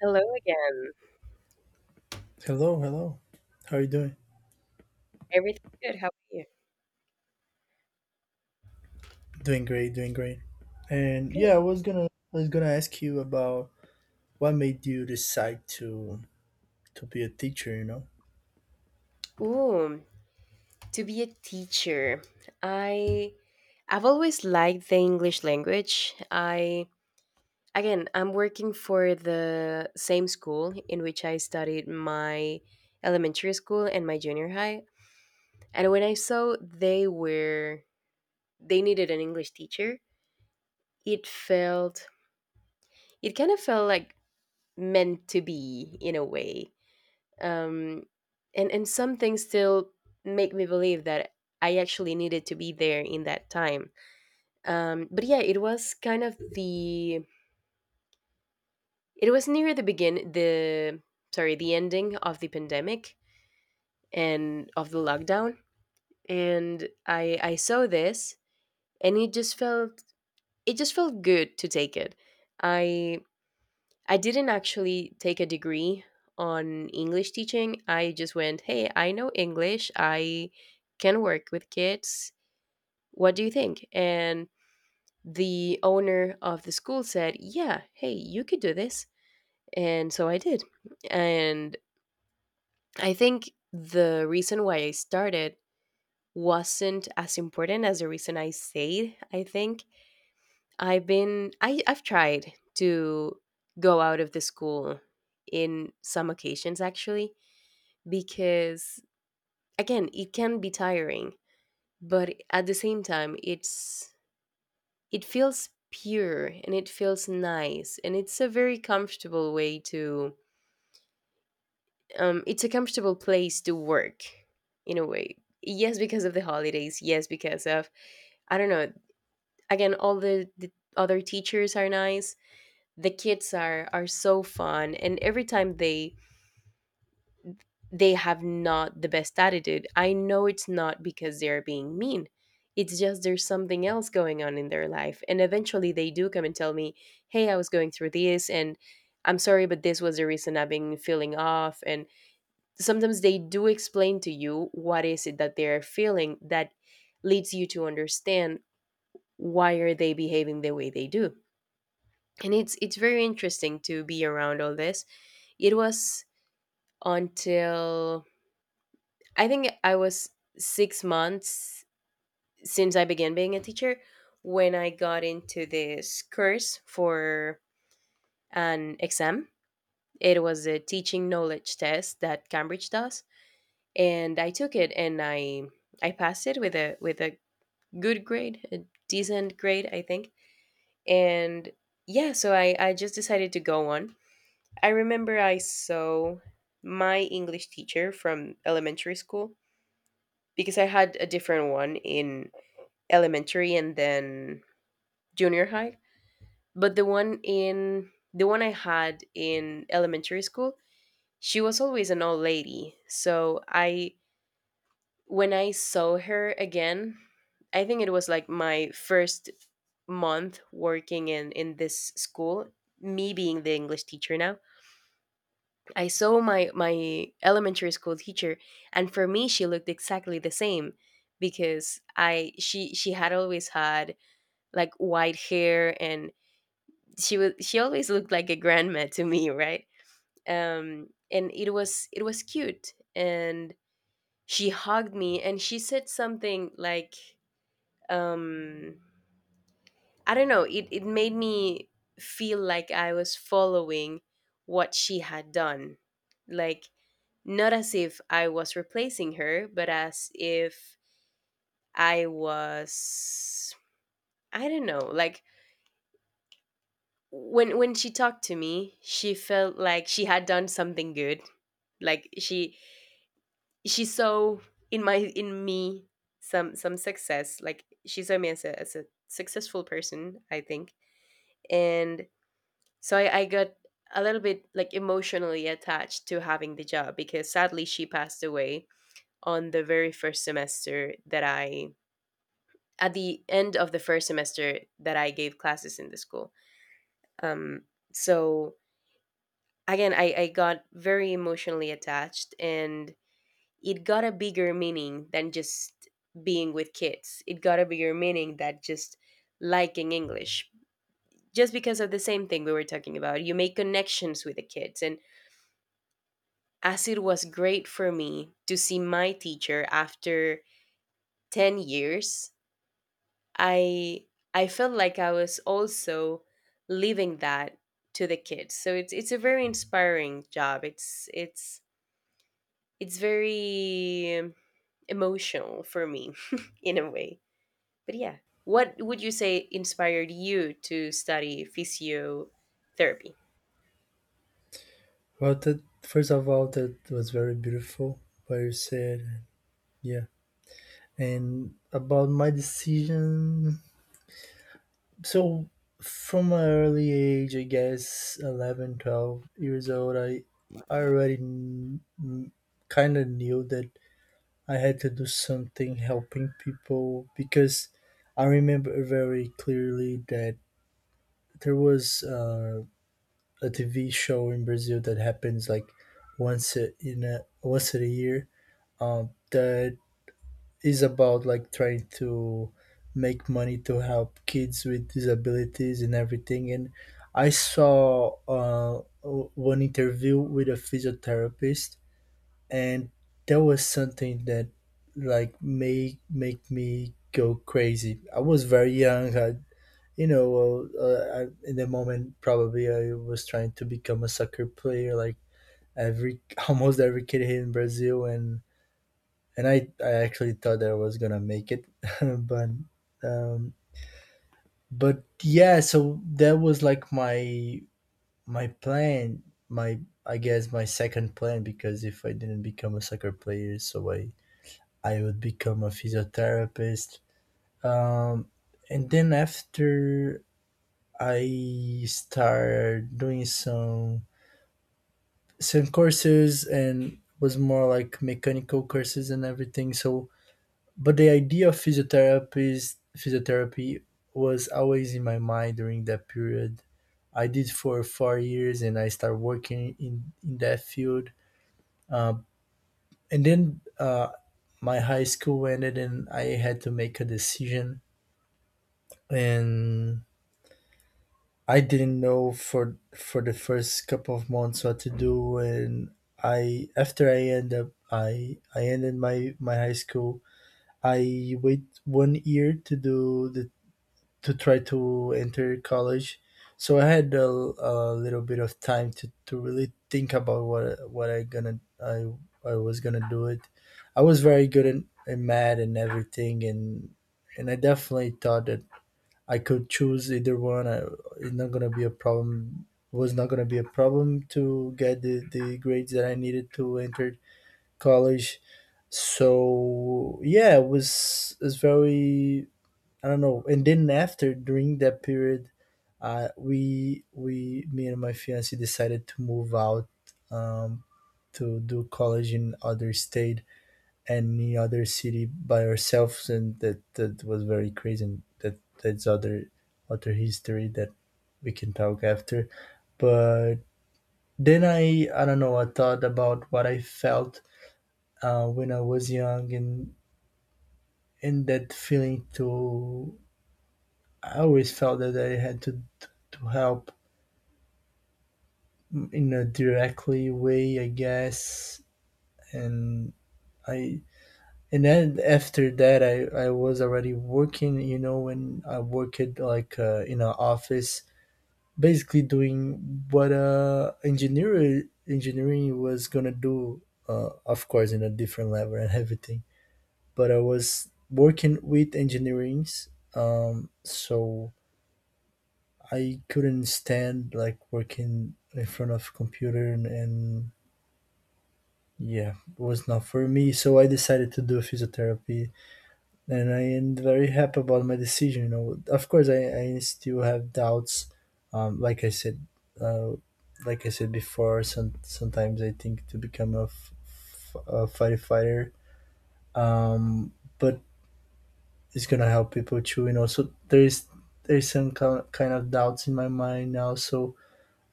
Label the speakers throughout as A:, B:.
A: Hello again.
B: Hello, hello. How are you doing?
A: Everything's good. How are you?
B: Doing great, doing great. And yeah,
A: Great.
B: I was gonna ask you about what made you decide to be a teacher, you know?
A: Ooh, to be a teacher. I I've always liked the English language. I Again, I'm working for the same school in which I studied my elementary school and my junior high. And when I saw they needed an English teacher, it felt it kind of felt like meant to be in a way. Um, and and some things still make me believe that I actually needed to be there in that time. But yeah, it was kind of the it was near the begin the sorry, the ending of the pandemic and of the lockdown, and I saw this, and it just felt good to take it. I I didn't actually take a degree on English teaching. I just went, hey, I know English. I can work with kids. What do you think? And the owner of the school said, yeah, hey, you could do this. And so I did. And I think the reason why I started wasn't as important as the reason I stayed. I think I've tried to go out of the school in some occasions, actually, because, again, it can be tiring, but at the same time it feels pure and it feels nice, and it's a very comfortable way to it's a comfortable place to work, in a way. Yes, because of the holidays, yes, because of, I don't know, again, all the other teachers are nice. The kids are so fun, and every time they have not the best attitude. I know it's not because they're being mean. It's just, there's something else going on in their life. And eventually they do come and tell me, hey, I was going through this and I'm sorry, but this was the reason I've been feeling off. And sometimes they do explain to you what is it that they're feeling, that leads you to understand why are they behaving the way they do. And it's very interesting to be around all this. It was until, I think, I was 6 months since I began being a teacher, when I got into this course for an exam. It was a teaching knowledge test that Cambridge does, and I took it, and I passed it with a good grade, a decent grade, I think. And yeah, so I just decided to go on. I remember I saw my English teacher from elementary school, because I had a different one in elementary and then junior high. But the one I had in elementary school, she was always an old lady. So I when I saw her again, I think it was like my first month working in this school, me being the English teacher now. I saw my elementary school teacher, and for me, she looked exactly the same, because I she had always had like white hair, and she always looked like a grandma to me, right? And it was cute, and she hugged me, and she said something like, um, I don't know, it made me feel like I was following what she had done, like, not as if I was replacing her, but as if I was I don't know, like, when she talked to me, she felt like she had done something good. Like she saw in my in me some success. Like she saw me as a successful person, I think. And so I got a little bit like emotionally attached to having the job, because sadly she passed away on the very first semester that I at the end of the first semester that I gave classes in the school. Um, so again, I got very emotionally attached, and it got a bigger meaning than just being with kids. It got a bigger meaning that just liking English. Just because of the same thing we were talking about, you make connections with the kids. And as it was great for me to see my teacher after 10 years, I I felt like I was also leaving that to the kids. So it's a very inspiring job. It's very emotional for me in a way. But yeah, what would you say inspired you to study physiotherapy?
B: Well, that first of all that was very beautiful what you said. Yeah. And about my decision, so from an early age, I guess 11, 12 years old, I already kind of knew that I had to do something helping people because I remember very clearly that there was a TV show in Brazil that happens like once a, in a once a year, that is about like trying to make money to help kids with disabilities and everything. And I saw one interview with a physiotherapist, and that was something that like made make me go crazy. I was very young. You know, I, in the moment, probably I was trying to become a soccer player, like every almost every kid here in Brazil, and and I actually thought that I was gonna make it, but um, but yeah, so that was like my plan, my I guess my second plan because if I didn't become a soccer player, so I would become a physiotherapist. Um, and then after I started doing some courses and was more like mechanical courses and everything. So, but the idea of physiotherapist physiotherapy was always in my mind during that period. I did for 4 years and I started working in that field. Um, and then My high school ended and I had to make a decision, and I didn't know for the first couple of months what to do, and I after I end up I ended my high school, I wait 1 year to do the to try to enter college, so I had a little bit of time to really think about what what I was gonna do it. I was very good in math and everything, and I definitely thought that I could choose either one. I, it's not gonna be a problem. Was not gonna be a problem to get the grades that I needed to enter college. So yeah, it was it's very I don't know. And then after during that period, we me and my fiance decided to move out, um, to do college in other state, any other city by ourselves, and that that was very crazy. And that that's other other history that we can talk after. But then I don't know. I thought about what I felt when I was young, and that feeling to I always felt that I had to help in a directly way, I guess, and I and then after that I was already working, you know, when I worked like in an office basically doing what engineering was gonna do, of course in a different level and everything, but I was working with engineerings. So I couldn't stand like working in front of computer, and yeah, it was not for me, so I decided to do physiotherapy, and I am very happy about my decision. You know, of course, I still have doubts. Um, like I said, uh, like I said before, sometimes I think to become a, a firefighter, um, but it's gonna help people too. You know, so there's some kind of doubts in my mind now, so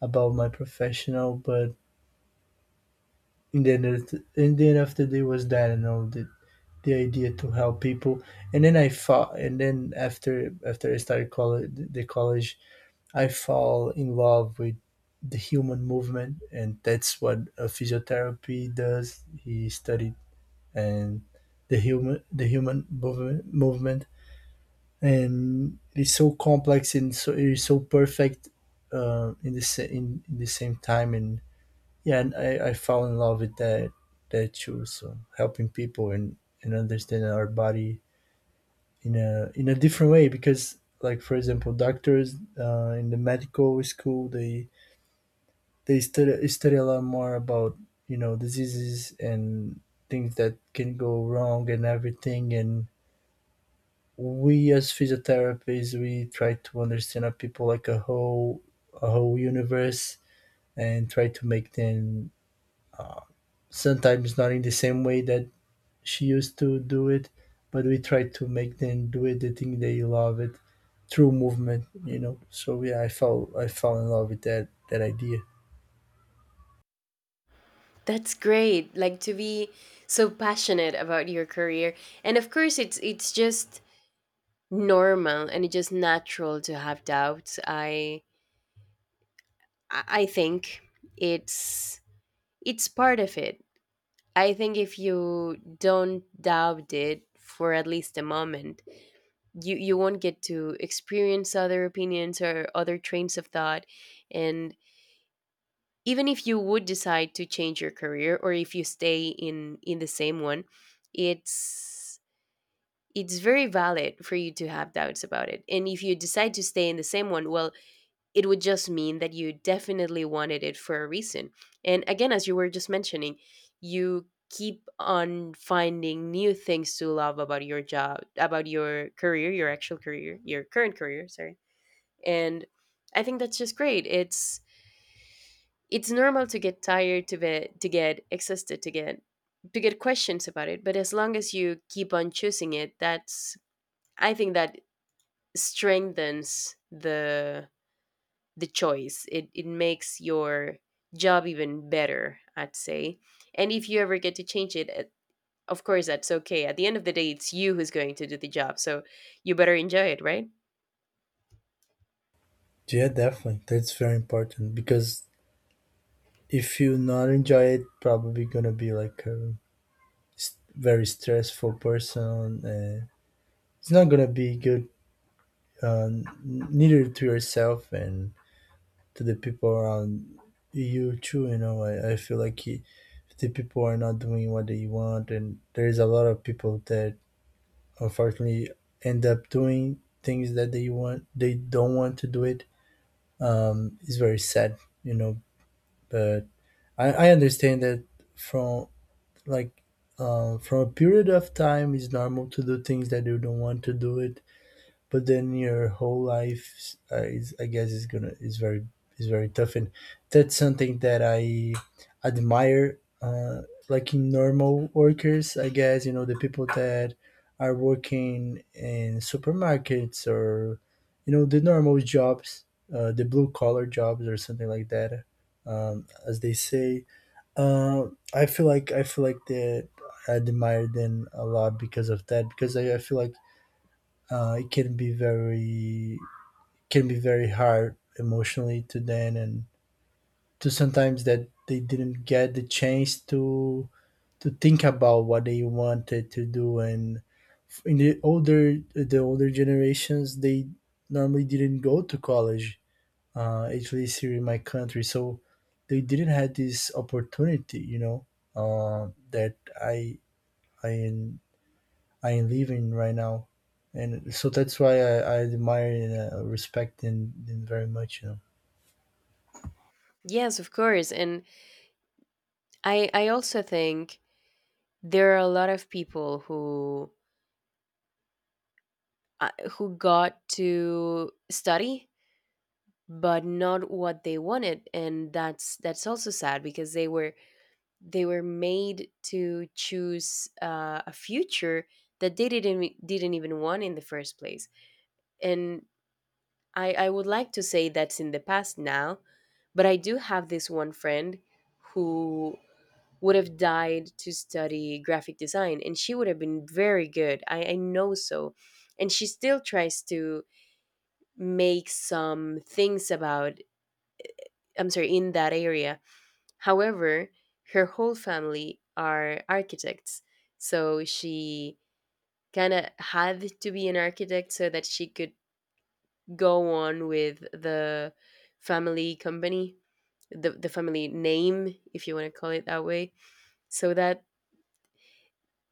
B: about my professional, but in the end, of the, in the end of the day was that, you know, the idea to help people. And then after I started college the college I fall in love with the human movement, and that's what a physiotherapy does he studied. And the human movement, movement, and it's so complex and so it's so perfect in the same time. And yeah, and I fell in love with that too, so helping people and understanding our body in a different way, because like for example doctors in the medical school, they study a lot more about, you know, diseases and things that can go wrong and everything. And we as physiotherapists, we try to understand a people like a whole, a whole universe, and try to make them sometimes not in the same way that she used to do it, but we try to make them do it. They think they love it through movement, you know. So yeah, I fell in love with that idea.
A: That's great. Like to be so passionate about your career. And of course it's just normal, and it's just natural to have doubts. I think it's it's part of it. I think if you don't doubt it for at least a moment, you won't get to experience other opinions or other trains of thought, and even if you would decide to change your career, or if you stay in the same one, it's it's very valid for you to have doubts about it. And if you decide to stay in the same one, well, it would just mean that you definitely wanted it for a reason. And again, as you were just mentioning, you keep on finding new things to love about your job, about your career, your actual career, your current career, sorry. And I think that's just great. It's normal to get tired, to get exhausted, to get questions about it. But as long as you keep on choosing it, that's, I think, that strengthens the choice. It makes your job even better, I'd say. And if you ever get to change it, of course that's okay. At the end of the day, it's you who's going to do the job, so you better enjoy it, right?
B: Yeah, definitely. That's very important because if you not enjoy it, probably gonna be like a very stressful person. It's not gonna be good, uh, neither to yourself and to the people around you too. You know, I feel like it, the people are not doing what they want, and there's a lot of people that unfortunately end up doing things that they don't want to do it. It's very sad, you know, but I understand that from, like, from a period of time it's normal to do things that you don't want to do it, but then your whole life is I guess is gonna is very tough. And that's something that I admire, like in normal workers, I guess, you know, the people that are working in supermarkets or, you know, the normal jobs, the blue collar jobs or something like that, as they say, uh, I feel like that I admire them a lot because of that, because I feel like it can be very hard emotionally to them, and to sometimes that they didn't get the chance to think about what they wanted to do. And in the older generations, they normally didn't go to college, at least here in my country, so they didn't have this opportunity, you know, that i i I am living right now, and so that's why I admire and respect them very much. You know.
A: Yes, of course. And I also think there are a lot of people uh, who got to study but not what they wanted, and that's also sad, because they were made to choose a future that they didn't e, didn't even want in the first place. And I would like to say that's in the past now, but I do have this one friend who would have died to study graphic design, and she would have been very good. I know so, and she still tries to make some things about, I'm sorry, in that area. However, her whole family are architects, so she kind of had to be an architect so that she could go on with the family company, the family name, if you want to call it that way. So that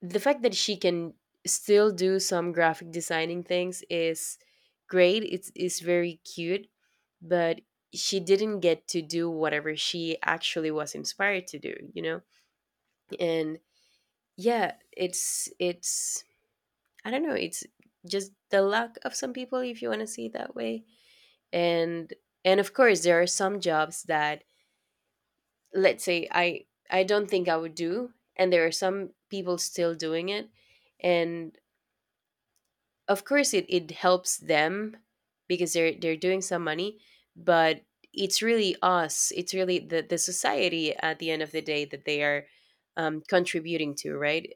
A: the fact that she can still do some graphic designing things is great. It's very cute, but she didn't get to do whatever she actually was inspired to do, you know? And yeah, it's I don't know, it's just the luck of some people if you want to see it that way. and and of course there are some jobs that, let's say, I don't think I would do, and there are some people still doing it, and of course it helps them, because they're doing some money, but it's really the society at the end of the day that they are contributing to, right?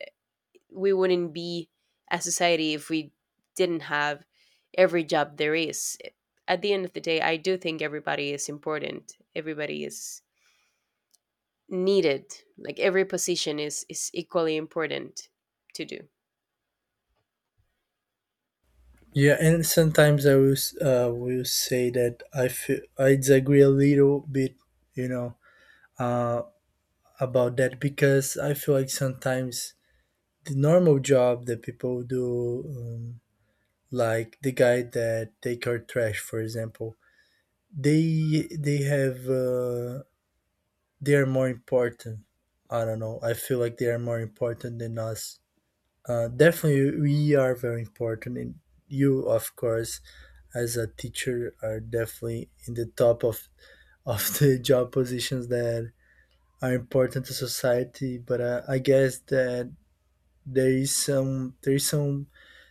A: We wouldn't be a society if we didn't have every job there is. At the end of the day, I do think everybody is important. Everybody is needed. Like every position is equally important to do.
B: Yeah, and sometimes will say that I feel I disagree a little bit, you know, uh, about that, because I feel like sometimes the normal job that people do, like the guy that take our trash, for example, they they have uh, they are more important. I don't know. I feel like they are more important than us. Definitely, we are very important, and you, of course, as a teacher, are definitely in the top of the job positions that are important to society. But I guess that there is some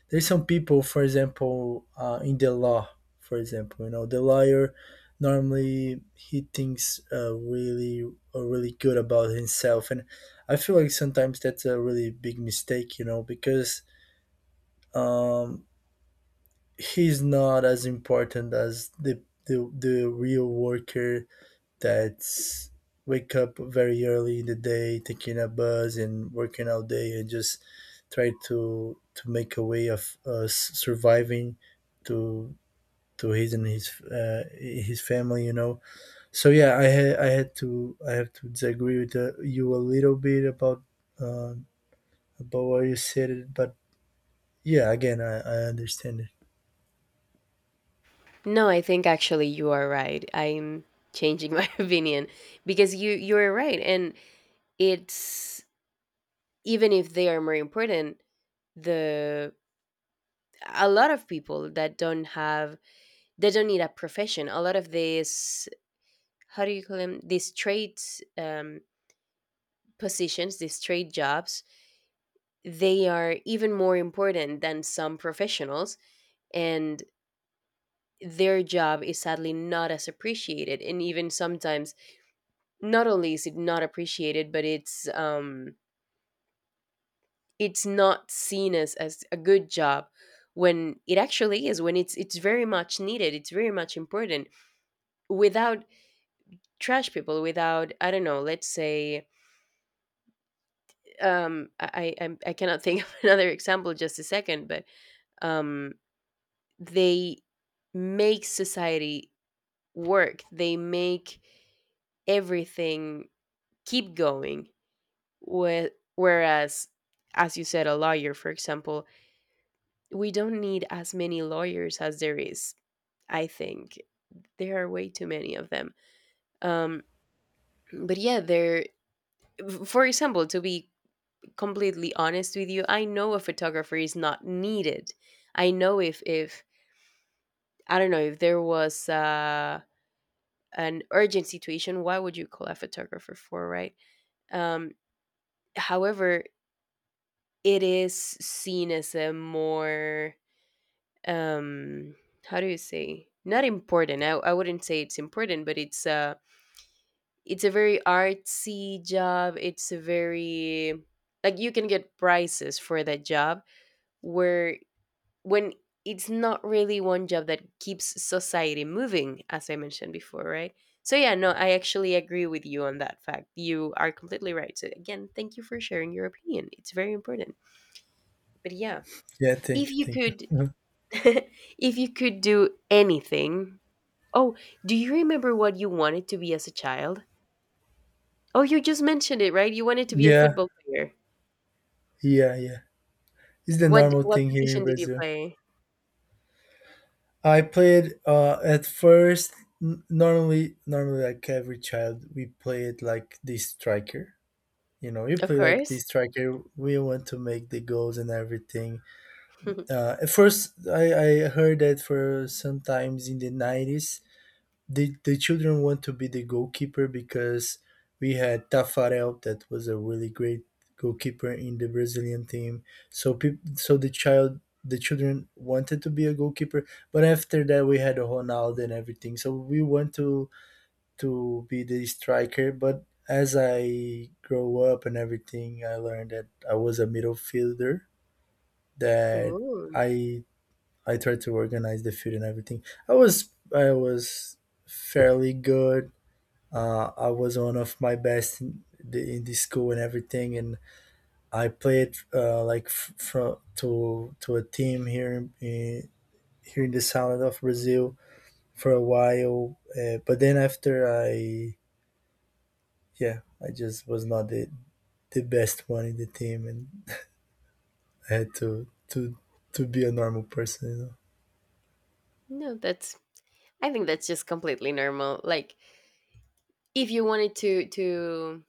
B: there is some people, for example, in the law, for example, you know, the lawyer normally he thinks really good about himself, and I feel like sometimes that's a really big mistake, you know, because um, he's not as important as the real worker that's wake up very early in the day taking a bus and working all day and just try to make a way of us surviving to to his and his family, you know. So yeah, I have to disagree with you a little bit um about what you said. But yeah, again, I understand it.
A: No, I think actually you are right. I'm changing my opinion, because you are right, and it's, even if they are more important, the a lot of people that don't have they don't need a profession. A lot of these, how do you call them, these trade, um, positions, these trade jobs, they are even more important than some professionals, and their job is sadly not as appreciated, and even sometimes, not only is it not appreciated, but it's not seen as a good job, when it actually is, when it's very much needed, it's very much important. Without trash people, without, I don't know, let's say, I cannot think of another example just a second, but um they make society work, they make everything keep going. Whereas, as you said, a lawyer for example, we don't need as many lawyers as there is. I think there are way too many of them. um but yeah, there for example, to be completely honest with you, I know a photographer is not needed. I know, if I don't know, if there was an urgent situation, why would you call a photographer for, right? Um, However, it is seen as a more, um, how do you say, not important. I wouldn't say it's important, but it's a very artsy job. It's a very like you can get prices for that job where when it's not really one job that keeps society moving, as I mentioned before, right? So, yeah, no, I actually agree with you on that fact. You are completely right. So, again, thank you for sharing your opinion. It's very important. But yeah,
B: Yeah, thank
A: if
B: you,
A: you
B: thank you.
A: could, if you could do anything, oh, do you remember what you wanted to be as a child? Oh, you just mentioned it, right? You wanted to be a
B: Yeah.
A: football player.
B: Yeah, yeah. It's the
A: What
B: normal
A: what
B: thing here in
A: position did you
B: Brazil.
A: play?
B: I played at first, normally like every child we play it like the striker. You know, you
A: Of
B: play like the
A: course.
B: striker, we want to make the goals and everything. At first I heard that for sometimes in the 90s the children want to be the goalkeeper because we had Tafarel that was a really great goalkeeper in the Brazilian team. So the children wanted to be a goalkeeper, but after that we had Ronaldo and everything. So we want to be the striker, but as I grow up and everything, I learned that I was a midfielder. That
A: Ooh.
B: I I tried to organize the field and everything. I was fairly good. I was one of my best in the school and everything, and I played like from to a team here in here in the south of Brazil for a while. But then after yeah, I just was not the best one in the team, and I had to be a normal person. You know.
A: No, that's I think that's just completely normal. Like if you wanted to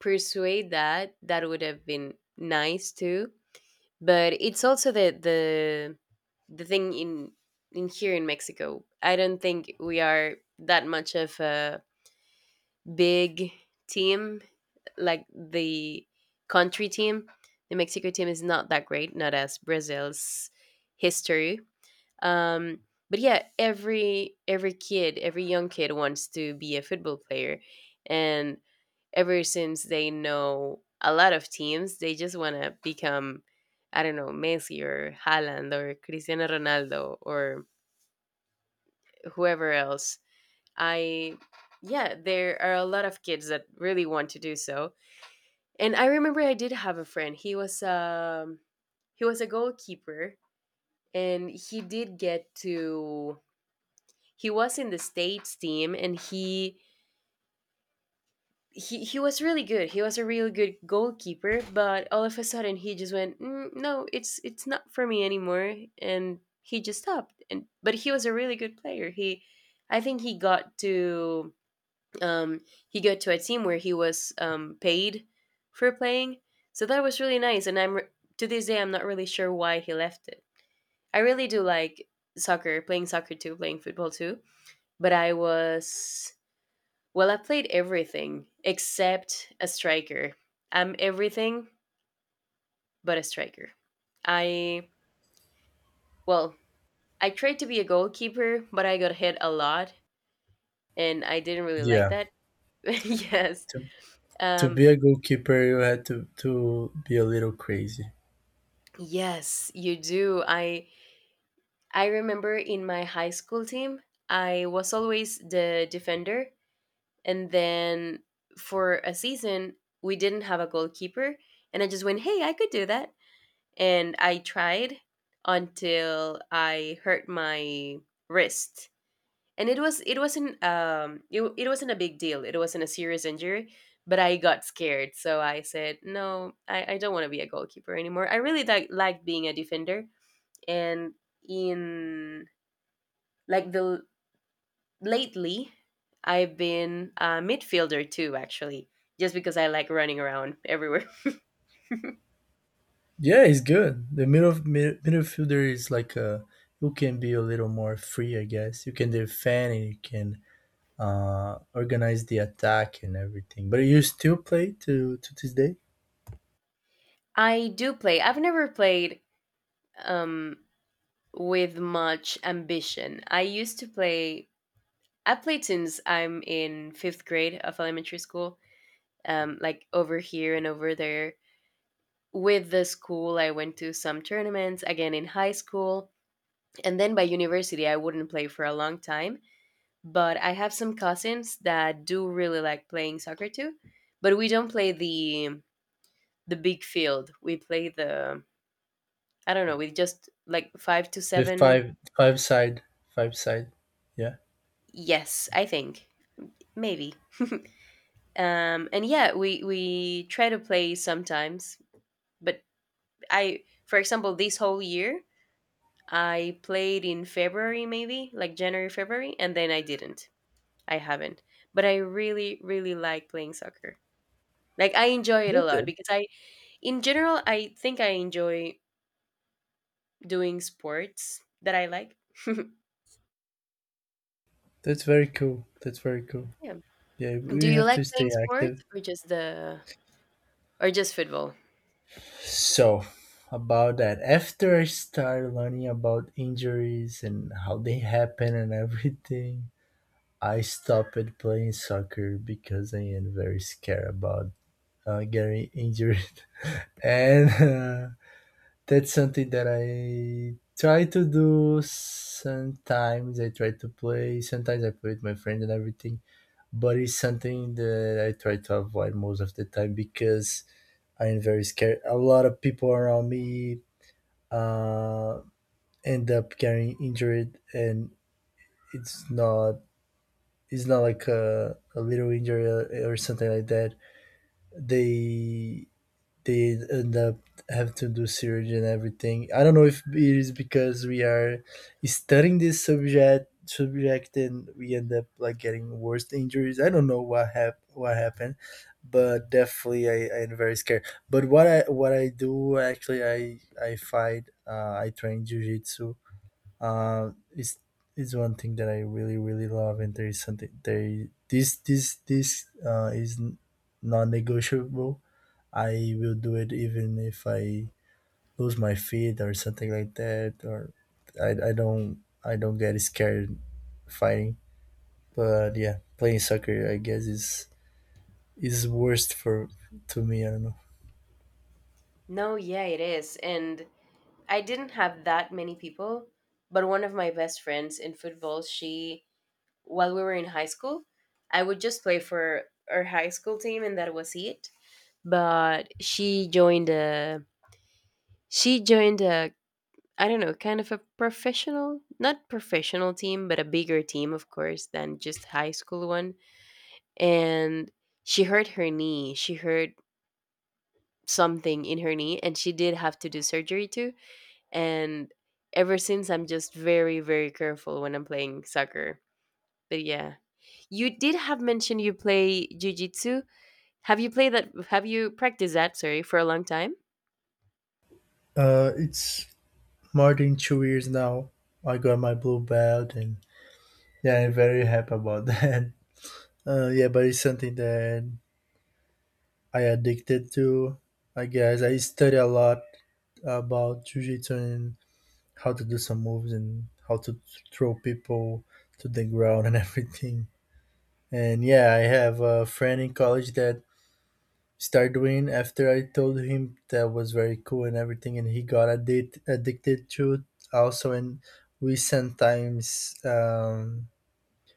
A: persuade that, that would have been nice too. But it's also the the thing in here in Mexico. I don't think we are that much of a big team like the country team. The Mexico team is not that great, not as Brazil's history um but yeah, every kid every young kid wants to be a football player, and ever since they know a lot of teams they just want to become, I don't know, Messi or Haaland or Cristiano Ronaldo or whoever else. I Yeah, there are a lot of kids that really want to do so. And I remember I did have a friend. He was he was a goalkeeper, and he did get to, he was in the state's team, and he was really good. He was a really good goalkeeper, but all of a sudden he just went, mm, no, it's not for me anymore, and he just stopped. And but he was a really good player. He, I think um, he got to a team where he was paid for playing, so that was really nice. And to this day I'm not really sure why he left it. I really do like soccer, playing soccer too, playing football too, but I was, well, I played everything except a striker. I'm everything but a striker. I, well, I tried to be a goalkeeper, but I got hit a lot and I didn't really like
B: Yeah.
A: that. Yes.
B: to to
A: Um
B: be a goalkeeper, you had to be a little crazy.
A: yes, you do. I remember in my high school team, I was always the defender, and then for a season we didn't have a goalkeeper, and I just went, "Hey, I could do that." And I tried, until I hurt my wrist. And it wasn't a big deal. It wasn't a serious injury, but I got scared. So I said, "No, I don't want to be a goalkeeper anymore. I really like being a defender." And in like the lately, I've been a midfielder too actually, just because I like running around everywhere.
B: Yeah, he's good. The midfielder is like who can be a little more free, I guess. You can defend and you can organize the attack and everything. But you still play to this day?
A: I do play. I've never played um with much ambition. I used to play. I played since I'm in fifth grade of elementary school, like over here and over there. With the school, I went to some tournaments again in high school, and then by university, I wouldn't play for a long time. But I have some cousins that do really like playing soccer too, but we don't play the big field. We play the, I don't know, we just like five to
B: The
A: seven.
B: five side. Yeah.
A: Yes, I think maybe. And yeah, we try to play sometimes, but I, for example, this whole year I played in February, maybe like January, February, and then I didn't I haven't. But I really really like playing soccer, like I enjoy it
B: Yeah,
A: a lot,
B: that,
A: because I in general I think I enjoy doing sports that I like.
B: that's very cool. That's very cool.
A: Yeah,
B: Yeah,
A: do
B: we
A: you
B: have
A: like
B: to stay
A: playing sports,
B: active.
A: or just football?
B: So about that, after I started learning about injuries and how they happen and everything, I stopped playing soccer because I am very scared about getting injured, and that's something that I try to do. Sometimes I try to play. Sometimes I play with my friends and everything, but it's something that I try to avoid most of the time because I am very scared. A lot of people around me uh, end up getting injured, and it's not it's not like a little injury or something like that they they end up have to do surgery and everything. I don't know if it is because we are studying this subject and we end up like getting worse injuries. I don't know what happened, but definitely I am very scared. But what I do actually I fight I train jujitsu. Uh, is is one thing that I really really love and there is something there this this this is non-negotiable. I will do it even if I lose my feet or something like that or I, I don't I don't get scared fighting. But yeah, playing soccer I guess is worst for to me, I don't know.
A: No, yeah, it is. And I didn't have that many people, but one of my best friends in football, she, while we were in high school, I would just play for our high school team and that was it. But she joined a, I don't know, kind of a professional, not professional team, but a bigger team of course than just high school one. And she hurt her knee. She hurt something in her knee and she did have to do surgery too, and ever since I'm just very very careful when I'm playing soccer. But yeah, you did have mentioned you play jiu-jitsu. Have you played that, have you practiced that, sorry, for a long time?
B: It's more than 2 years now. I got my blue belt and yeah, I'm very happy about that. Yeah, but it's something that I addicted to. I guess I study a lot about jujitsu and how to do some moves and how to throw people to the ground and everything. And yeah, I have a friend in college that started doing after I told him that was very cool and everything, and he got addicted to it also. And we sometimes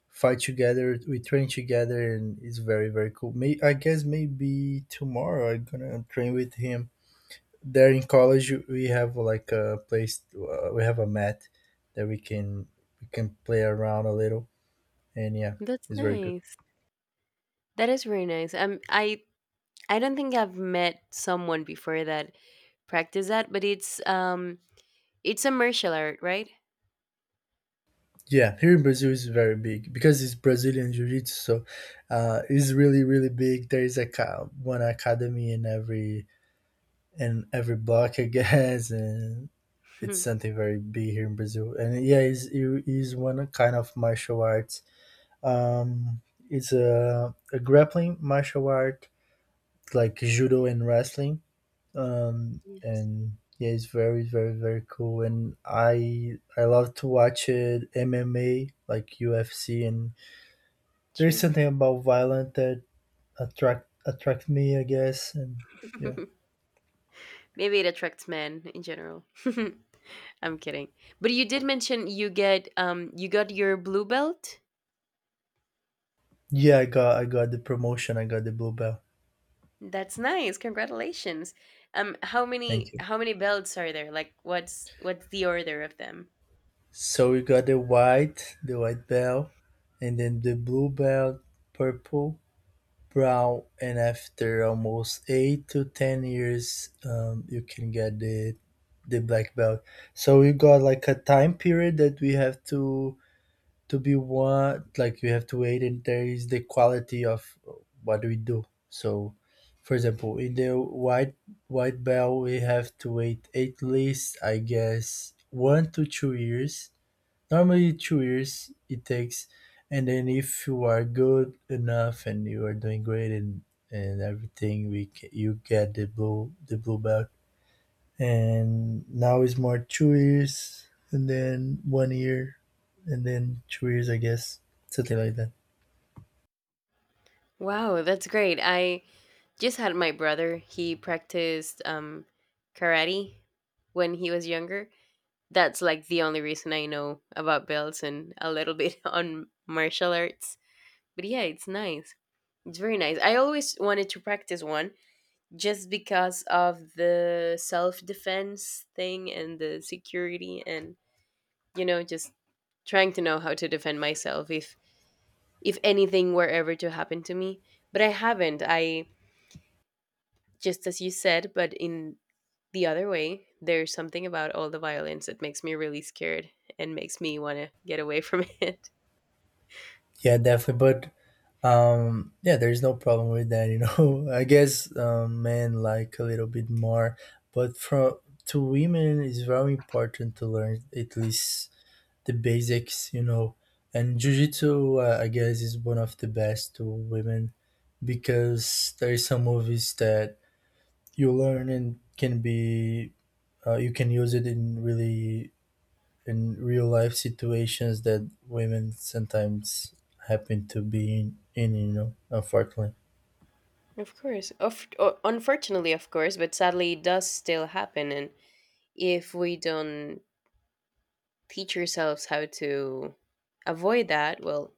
B: fight together, we train together, and it's very very cool. I guess maybe tomorrow I'm gonna train with him. There in college we have like a place we have a mat that we can play around a little. And yeah,
A: That's
B: it's very good.
A: nice. That is very nice. I don't think I've met someone before that practiced that, but it's a martial art, right?
B: Yeah, here in Brazil is very big because it's Brazilian jiu-jitsu. So it's really really big. There is like, one academy in every block, I guess. And it's something very big here in Brazil. And yeah, it's, it is one kind of martial arts. um, it's a grappling martial art like judo and wrestling. um,
A: Yes,
B: and yeah, it's very, very, very cool. And I love to watch it MMA like UFC, and there's
A: sure.
B: something about violent that attract me, I guess. And yeah,
A: Maybe it attracts men in general. I'm kidding. But you did mention you got your blue belt.
B: yeah, I got the promotion. I got the blue belt.
A: That's nice. Congratulations. How many
B: Thank you.
A: how many belts are there? Like, what's the order of them?
B: So we got the white belt, and then the blue belt, purple, brown, and after almost 8 to 10 years you can get the black belt. So we got like a time period that we have to be one. Like, we have to wait and there is the quality of what we do. So for example in the white white belt we have to wait at least I guess 1 to 2 years. Normally 2 years it takes. And then if you are good enough and you are doing great and everything you get the blue belt. And now it's more 2 years, and then 1 year, and then 2 years I guess, something like that.
A: Wow, that's great. I just had my brother. He practiced karate when he was younger. That's like the only reason I know about belts and a little bit on martial arts. But yeah, it's nice. It's very nice. I always wanted to practice one just because of the self defense thing and the security and, you know, just trying to know how to defend myself if anything were ever to happen to me. But I haven't. I Just as you said, but in the other way, there's something about all the violence that makes me really scared and makes me want to get away from it.
B: Yeah, definitely. But yeah, there's no problem with that, you know. I guess men like a little bit more but from to women it's very important to learn at least the basics, you know. And jiu-jitsu, I guess, is one of the best to women because there is some movies that you learn and can be you can use it in really in real life situations that women sometimes happen to be in, you know, unfortunately.
A: Of course. Unfortunately, of course, but sadly, it does still happen. And if we don't teach yourselves how to avoid that, well,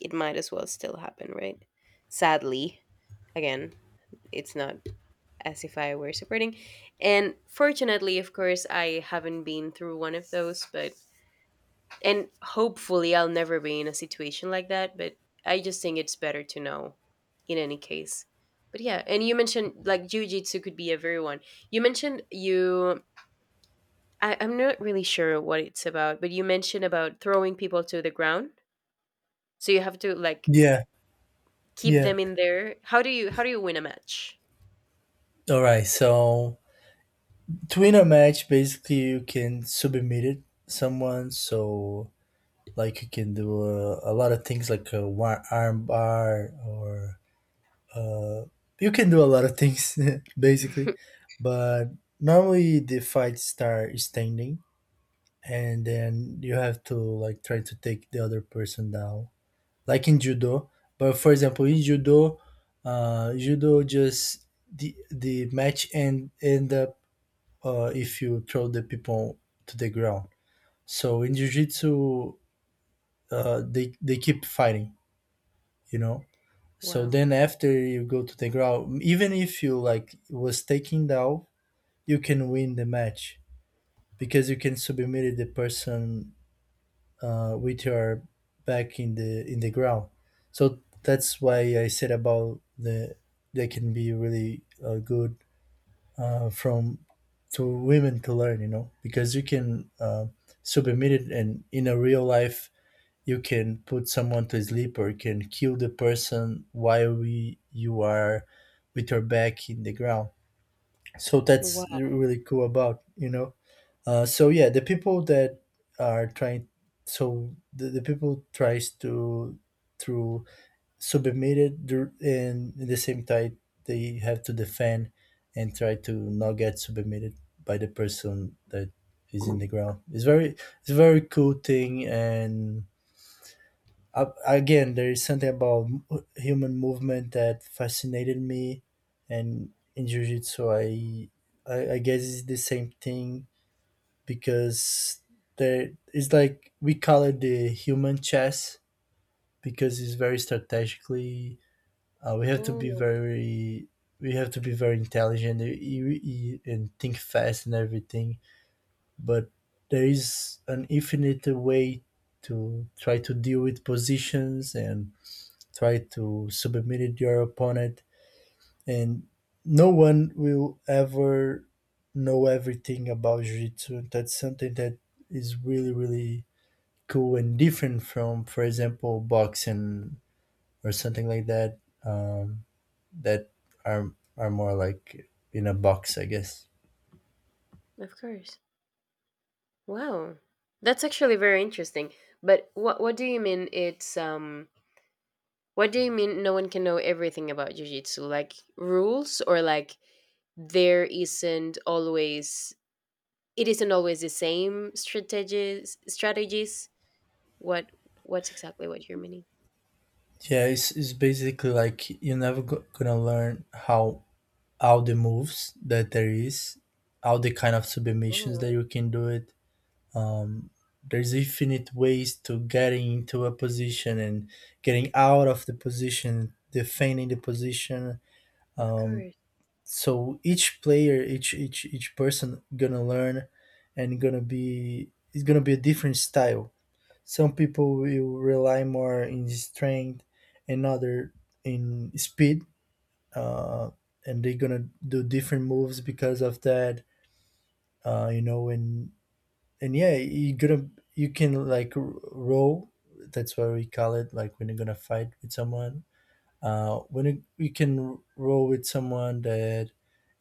A: it might as well still happen, right? Sadly, again, it's not as if I were supporting. And fortunately, of course, I haven't been through one of those, but, and hopefully I'll never be in a situation like that, but I just think it's better to know in any case. But yeah, and you mentioned like jujitsu could be a very one. You mentioned you, I'm not really sure what it's about, but you mentioned about throwing people to the ground. So you have to like
B: Yeah,
A: keep
B: yeah.
A: them in there. How do you win a match?
B: All right, so to win a match, basically you can submit it someone. So like you can do a lot of things like arm bar or uh, you can do a lot of things basically. But normally the fight start standing, and then you have to like try to take the other person down like in judo. But for example in judo, judo just the match end up if you throw the people to the ground. So in jiu-jitsu, they keep fighting, you know. So
A: Wow.
B: then after you go to the ground, even if you like was taken down, you can win the match because you can submit the person with your back in the ground. So that's why I said about the they can be really good from to women to learn, you know, because you can submit it, and in a real life you can put someone to sleep or you can kill the person while you are with your back in the ground. So
A: Wow.
B: that's really cool about, you know. So yeah, the people that are trying, so the people tries to through submit it and at the same time they have to defend and try to not get submitted by the person that is in the ground. It's very it's a very cool thing. And again, there is something about human movement that fascinated me, and in jiu-jitsu I guess it's the same thing because there it's like we call it the human chess because it's very strategically. We have to be
A: Oh,
B: very we have to be very intelligent and think fast and everything. But there is an infinite way to try to deal with positions and try to submit your opponent, and no one will ever know everything about jiu-jitsu. That's something that is really, really cool and different from, for example, boxing or something like that. Um, that are more like in a box, I guess.
A: of course. Wow. That's actually very interesting. But what do you mean it's what do you mean no one can know everything about jiu-jitsu? Like rules, or like, there isn't always, it isn't always the same strategies? What, what's exactly what you're meaning?
B: Yeah, it's basically like you're never gonna learn how all the moves that there is, all the kind of submissions that
A: Oh,
B: you can do it, um, there's infinite ways to getting into a position and getting out of the position, defending the position.
A: of
B: Um,
A: course.
B: so each player, each person gonna learn and gonna be it's gonna be a different style. Some people will rely more in strength, and other in speed, uh, and they're gonna do different moves because of that. You know, and yeah you're gonna you can like roll. That's what we call it, like when you're gonna fight with someone. When you, you can roll with someone that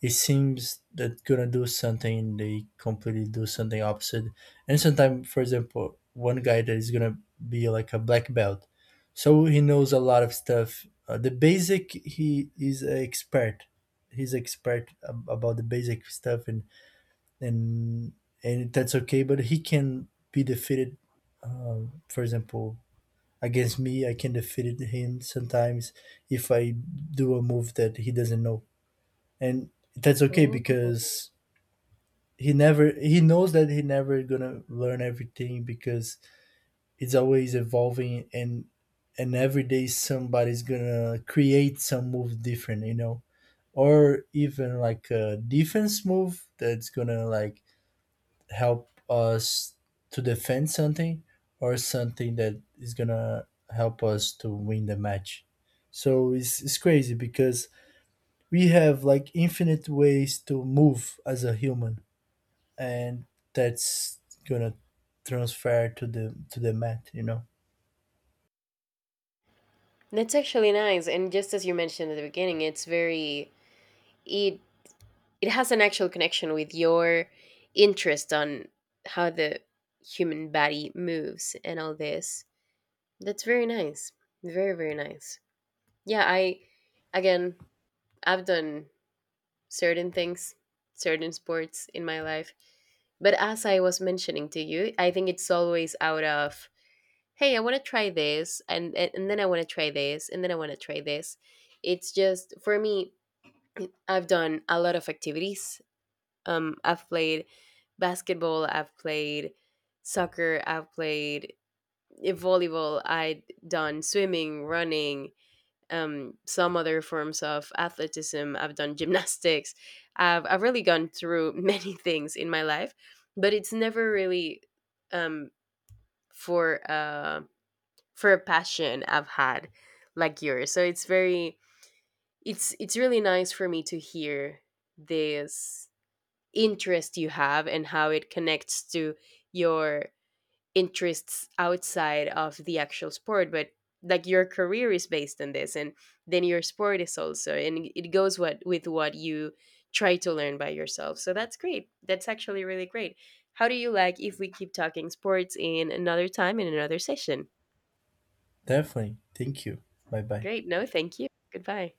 B: it seems that gonna do something and they completely do something opposite. And sometimes for example one guy that is gonna be like a black belt, so he knows a lot of stuff. The basic he is a expert. He's expert about the basic stuff, and and that's okay. But he can be defeated. For example, against me, I can defeat him sometimes if I do a move that he doesn't know, and that's okay
A: Oh,
B: because he knows that he never gonna learn everything because it's always evolving and every day somebody's gonna create some move different, you know, or even like a defense move that's gonna like help us to defend something or something that is gonna help us to win the match. So it's crazy because we have like infinite ways to move as a human, and that's gonna transfer to the mat. You know,
A: that's actually nice. And just as you mentioned at the beginning, it's very, it it has an actual connection with your interest on how the human body moves and all this. That's very nice. Very very nice. Yeah, I, again, I've done certain things, certain sports in my life, but as I was mentioning to you, I think it's always out of, hey, I want to try this, and then I want to try this, and then I want to try this. It's just for me. I've done a lot of activities. I've played basketball. I've played soccer. I've played volleyball. I've done swimming, running, some other forms of athleticism. I've done gymnastics. I've really gone through many things in my life, but it's never really um, for. um for a passion I've had like yours. So it's very, it's really nice for me to hear this interest you have and how it connects to your interests outside of the actual sport, but like your career is based on this and then your sport is also, and it goes what with what you try to learn by yourself. So that's great, that's actually really great. How do you like if we keep talking sports in another time, in another session.
B: definitely. Thank you. Bye bye.
A: Great. No, thank you. Goodbye.